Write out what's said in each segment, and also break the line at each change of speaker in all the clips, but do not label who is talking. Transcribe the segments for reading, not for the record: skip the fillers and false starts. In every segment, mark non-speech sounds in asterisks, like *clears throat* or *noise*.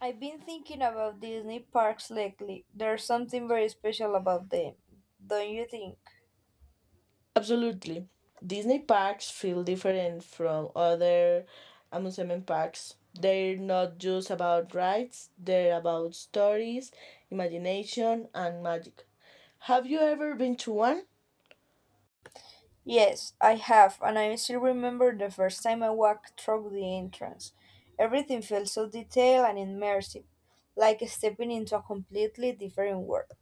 I've been thinking about Disney parks lately. There's something very special about them, don't you think?
Absolutely. Disney parks feel different from other amusement parks. They're not just about rides, they're about stories, imagination, and magic. Have you ever been to one?
Yes, I have, and I still remember the first time I walked through the entrance. Everything felt so detailed and immersive, like stepping into a completely different world.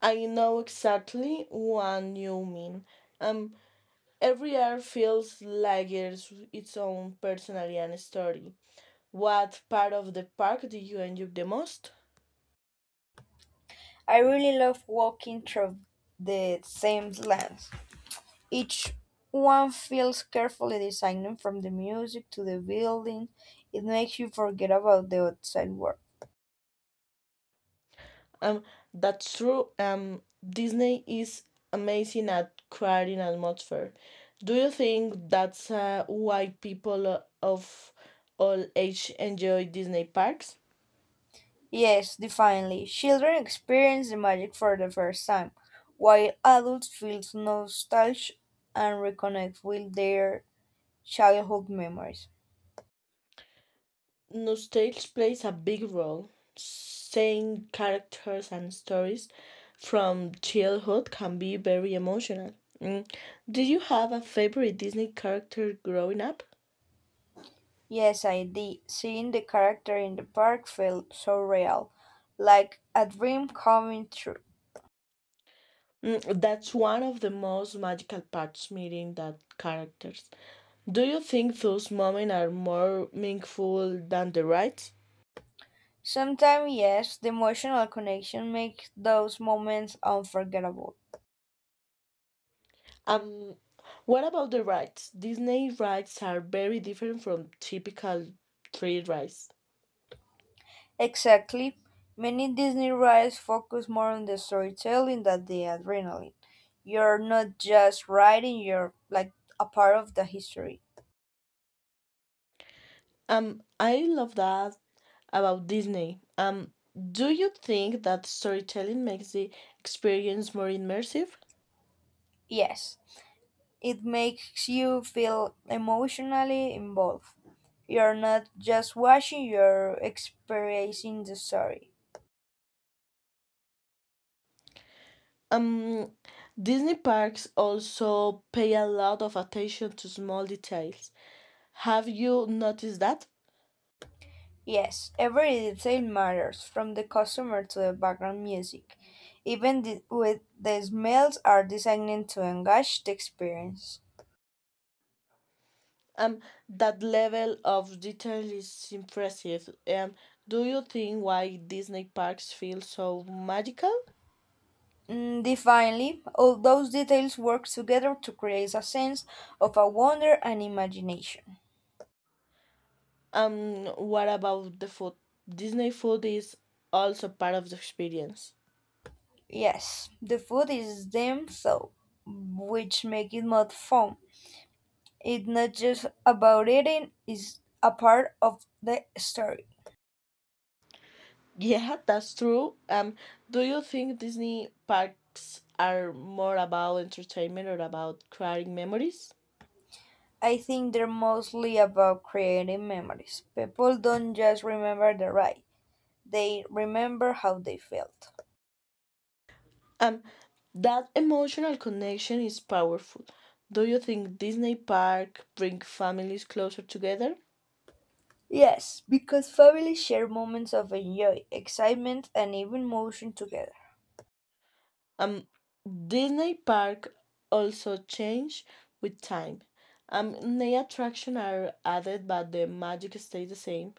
I know exactly what you mean. Um, every year feels like it's its own personality and story. What part of the park do you enjoy the most?
I really love walking through the same lands. Each one feels carefully designed from the music to the building. It makes you forget about the outside world.
Um, that's true. Disney is amazing at creating atmosphere. Do you think that's why people of all age enjoy Disney parks?
Yes, definitely. Children experience the magic for the first time, while adults feel nostalgia and reconnect with their childhood memories.
Nostalgia plays a big role. Seeing characters and stories from childhood can be very emotional. Mm. Did you have a favorite Disney character growing up?
Yes, I did. Seeing the character in the park felt so real, like a dream coming true.
Mm, that's one of the most magical parts meeting that characters. Do you think those moments are more meaningful than the rides?
Sometimes, yes, the emotional connection makes those moments unforgettable.
Um, what about the rides? Disney rides are very different from typical tree rides.
Exactly. Many Disney rides focus more on the storytelling than the adrenaline. You're not just riding, you're like a part of the history.
I love that about Disney. Do you think that storytelling makes the experience more immersive?
Yes, it makes you feel emotionally involved. You're not just watching, you're experiencing the story.
Um, Disney parks also pay a lot of attention to small details. Have you noticed that?
Yes, every detail matters, from the customer to the background music. Even the, with the smells are designed to engage the experience.
Um, that level of detail is impressive. Do you think why Disney parks feel so magical?
Mm, divinely, all those details work together to create a sense of a wonder and imagination.
What about the food? Disney food is also part of the experience.
Yes, the food is them so, which make it more fun. It's not just about eating; it's a part of the story.
Yeah, that's true. Do you think Disney parks are more about entertainment or about creating memories?
I think they're mostly about creating memories. People don't just remember the ride; they remember how they felt.
Um, that emotional connection is powerful. Do you think Disney park bring families closer together?
Yes, because families share moments of enjoy, excitement, and even motion together.
Um. Disney Park also change with time. New attractions are added, but the magic stays the same.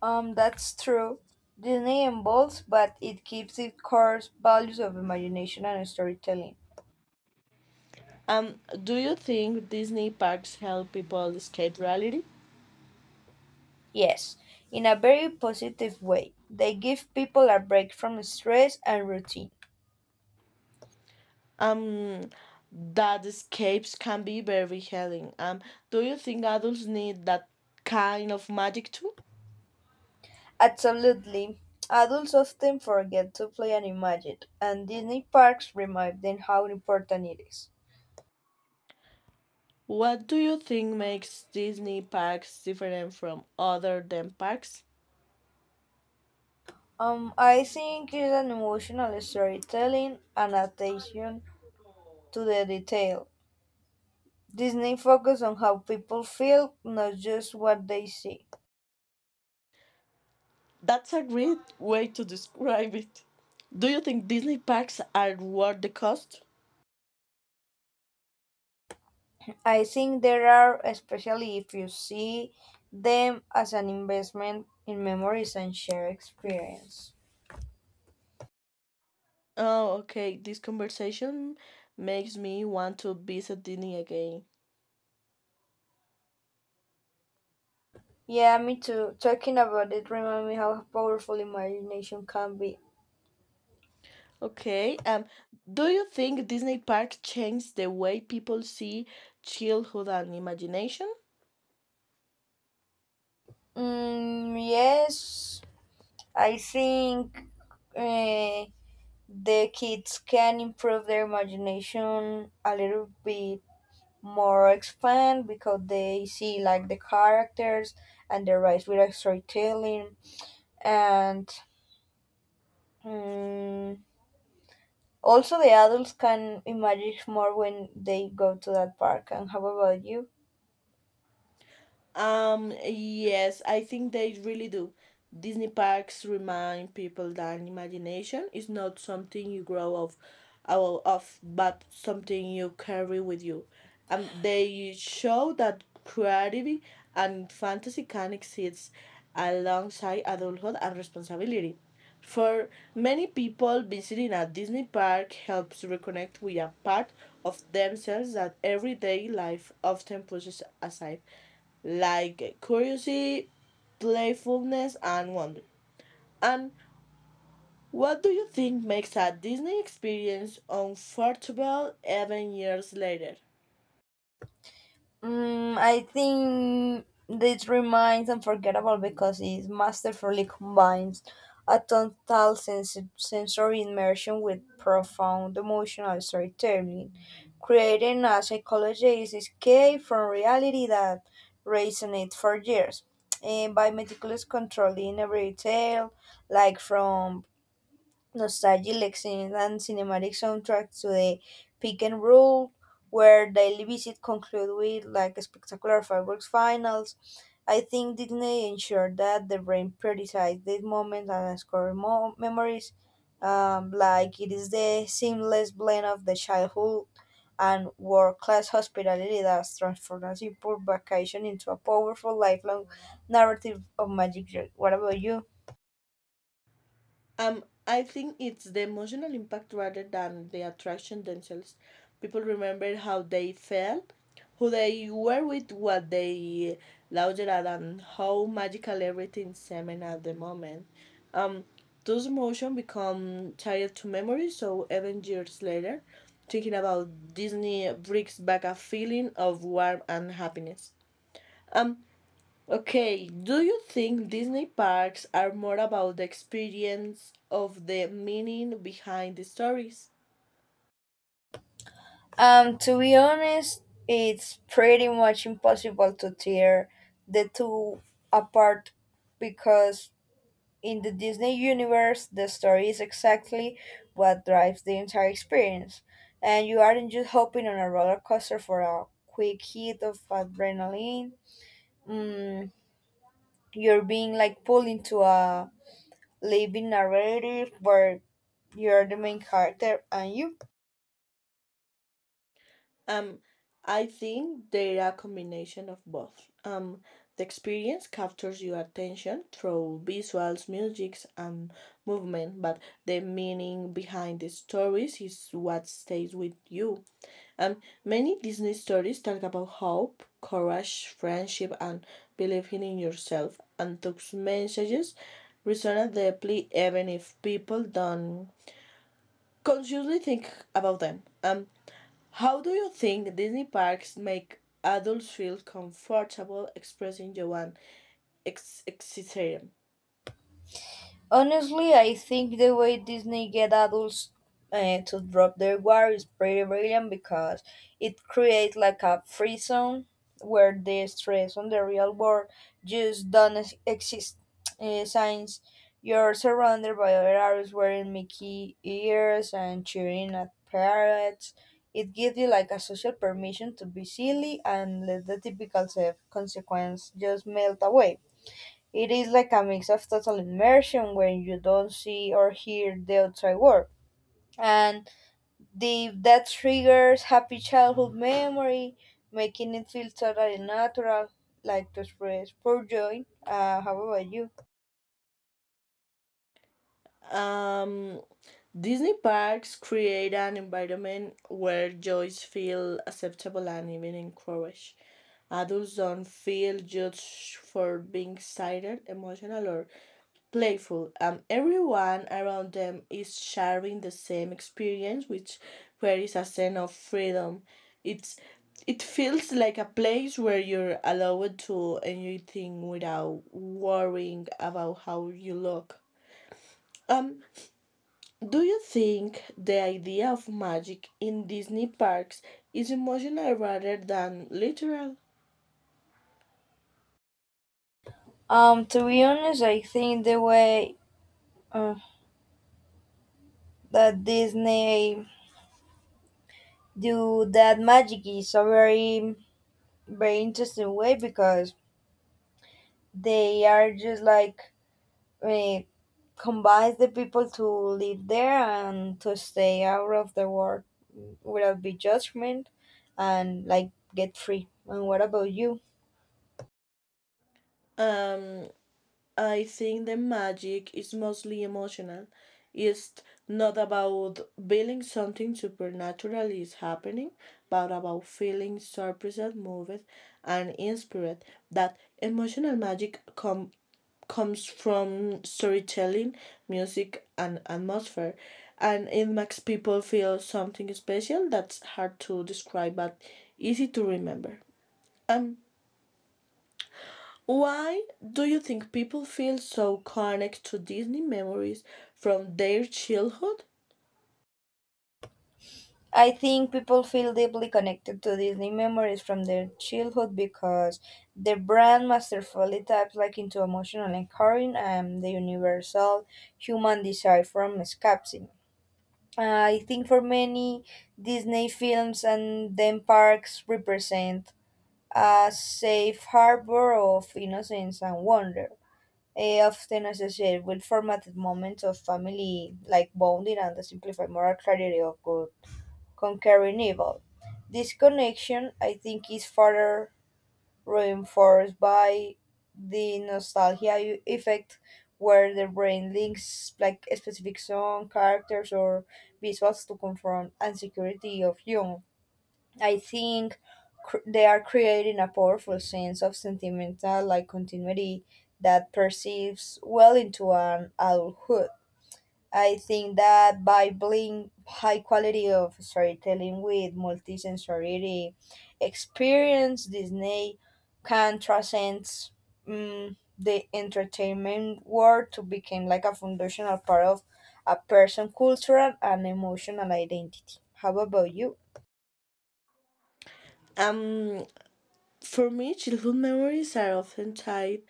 That's true. Disney evolves, but it keeps its core values of imagination and storytelling.
Do you think Disney parks help people escape reality?
Yes, in a very positive way. They give people a break from stress and routine.
Um, that escapes can be very healing. Do you think adults need that kind of magic too?
Absolutely. Adults often forget to play and imagine, and Disney parks remind them how important it is.
What do you think makes Disney parks different from other theme parks?
I think it's an emotional storytelling and attention to the detail. Disney focus on how people feel, not just what they see.
That's a great way to describe it. Do you think Disney packs are worth the cost?
I think there are, especially if you see them as an investment in memories and shared experience.
Oh, okay. This conversation makes me want to visit Disney again.
Yeah, me too. Talking about it reminds me how powerful imagination can be.
Okay. Do you think Disney parks changed the way people see childhood and imagination?
Mm, yes, I think uh, the kids can improve their imagination a little bit more expand because they see like the characters and the rise with storytelling and, mm, also the adults can imagine more when they go to that park. And how about you?
Yes, I think they really do. Disney parks remind people that imagination is not something you out of, but something you carry with you. And they show that creativity and fantasy can exist alongside adulthood and responsibility. For many people, visiting a Disney park helps reconnect with a part of themselves that everyday life often pushes aside, like curiosity, playfulness, and wonder. And what do you think makes a Disney experience unforgettable even years later?
Mm, I think this remains unforgettable because it masterfully combines a total sensory immersion with profound emotional storytelling, creating a psychologist's escape from reality that resonates for years. And by meticulously controlling every detail, like from nostalgic scenes and cinematic soundtracks to the pick and roll, where daily visit conclude with like spectacular fireworks finals. I think Disney ensured that the brain prioritized these moments and scoring memories. Like it is the seamless blend of the childhood and world-class hospitality that transformed a simple vacation into a powerful lifelong narrative of magic, joy. What about you?
I think it's the emotional impact rather than the attraction themselves. People remember how they felt, who they were with, what they loved at, and how magical everything seemed at the moment. Um, those emotions become tied to memory, so even years later, thinking about Disney brings back a feeling of warmth and happiness. Um, Okay, do you think Disney parks are more about the experience of the meaning behind the stories?
To be honest, it's pretty much impossible to tear the two apart because in the Disney universe, the story is exactly what drives the entire experience, and you aren't just hopping on a roller coaster for a quick hit of adrenaline. Mm, you're being like pulled into a living narrative where you're the main character and you.
Um, I think they're a combination of both. The experience captures your attention through visuals, music, and movement, but the meaning behind the stories is what stays with you. Many Disney stories talk about hope, courage, friendship, and believing in yourself, and those messages resonate deeply even if people don't consciously think about them. How do you think Disney parks make adults feel comfortable expressing their own ex-
Honestly, I think the way Disney get adults to drop their guard is pretty brilliant because it creates like a free zone where the stress on the real world just don't exist. Since you're surrounded by other artists wearing Mickey ears and cheering at parrots, it gives you like a social permission to be silly and let the typical self consequence just melt away. It is like a mix of total immersion when you don't see or hear the outside world. And that triggers happy childhood memory, making it feel totally natural, like to express pure joy. How about you?
Um, Disney parks create an environment where joys feel acceptable and even encouraged. Adults don't feel judged for being excited, emotional, or playful. Everyone around them is sharing the same experience, which where is a sense of freedom. It's it feels like a place where you're allowed to enjoy things without worrying about how you look. Um, do you think the idea of magic in Disney parks is emotional rather than literal?
To be honest, I think the way uh, that Disney do that magic is a very, very interesting way because they are just like it combines the people to live there and to stay out of the world without be judgment and like get free. And what about you?
Um, I think the magic is mostly emotional. It's not about feeling something supernatural is happening, but about feeling surprised, moved, and inspired. That emotional comes from storytelling, music, and atmosphere, and it makes people feel something special that's hard to describe but easy to remember. Um, why do you think people feel so connected to Disney memories from their childhood?
I think people feel deeply connected to Disney memories from their childhood because the brand masterfully taps like into emotional anchoring and the universal human desire from escapism. I think for many, Disney films and theme parks represent a safe harbor of innocence and wonder, eh, often associated with formative moments of family like bonding and the simplified moral clarity of good conquering evil. This connection, I think, is further reinforced by the nostalgia effect where the brain links like specific song characters or visuals to confront insecurity of young. I think they are creating a powerful sense of sentimental like continuity that persists well into an adulthood. I think that by blending high quality of storytelling with multisensory experience, Disney can transcend, mm, the entertainment world to become like a foundational part of a person's cultural and emotional identity. How about you?
Um, for me, childhood memories are often tied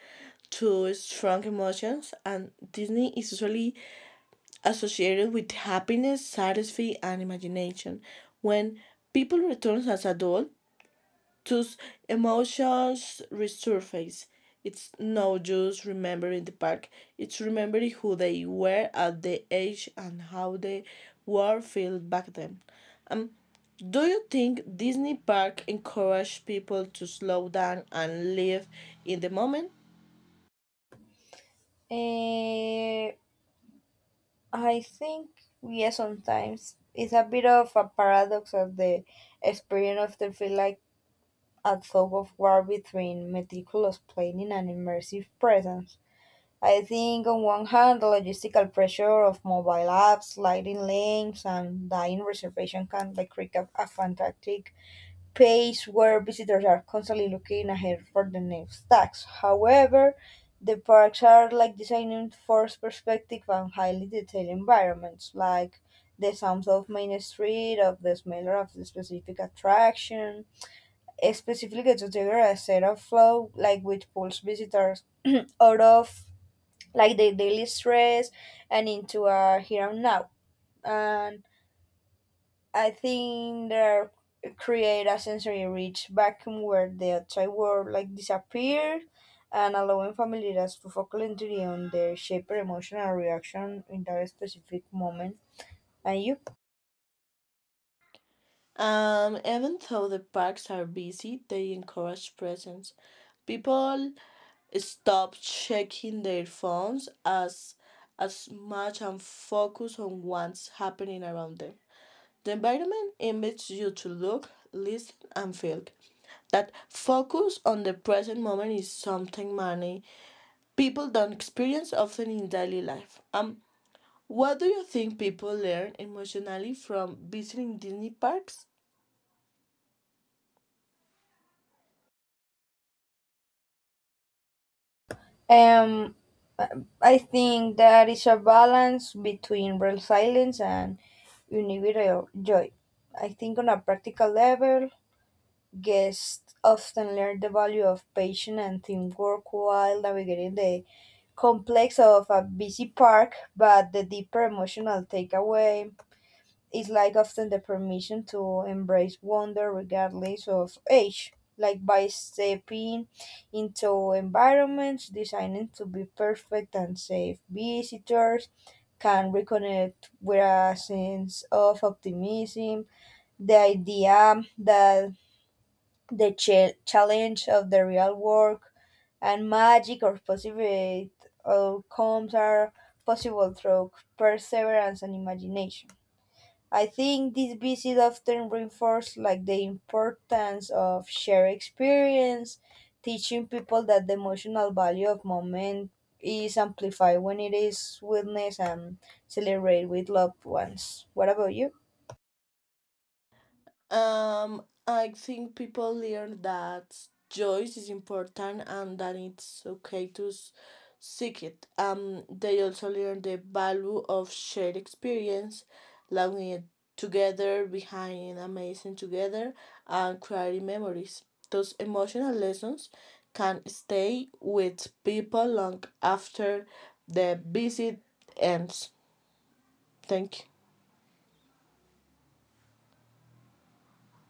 to strong emotions, and Disney is usually associated with happiness, satisfaction, and imagination. When people return as adults, those emotions resurface. It's not just remembering the park, it's remembering who they were at the age and how the world felt back then. Do you think Disney Park encourage people to slow down and live in the moment?
Eh, I think yes, sometimes it's a bit of a paradox of the experience often feel like a tug of war between meticulous planning and immersive presence. I think on one hand, the logistical pressure of mobile apps, sliding links, and dying reservation can like create a fantastic pace where visitors are constantly looking ahead for the next tax. However, the parks are like designed for perspective and highly detailed environments, like the sounds of Main Street, of the smell of the specific attraction, specifically to trigger a set of flow, like which pulls visitors *clears throat* out of like the daily stress and into a here and now. And I think they create a sensory rich vacuum where the outside world like disappears and allowing familiars to focus entirely on their shape or emotional reaction in that specific moment. And you?
Even though the parks are busy, they encourage presence. People stop checking their phones as much and focus on what's happening around them. The environment invites you to look, listen, and feel. That focus on the present moment is something many people don't experience often in daily life. What do you think people learn emotionally from visiting Disney parks?
Um, I think that is a balance between real silence and individual joy. I think on a practical level, guests often learn the value of patience and teamwork while navigating the complex of a busy park, but the deeper emotional takeaway is like often the permission to embrace wonder regardless of age. Like by stepping into environments designed to be perfect and safe, visitors can reconnect with a sense of optimism. The idea that the challenge of the real work and magic or positive outcomes are possible through perseverance and imagination. I think this visit often reinforced like the importance of shared experience, teaching people that the emotional value of moment is amplified when it is witnessed and celebrated with loved ones. What about you?
I think people learn that choice is important and that it's okay to seek it. They also learn the value of shared experience, loving it together, behind amazing together, and creating memories. Those emotional lessons can stay with people long after the visit ends. Thank you.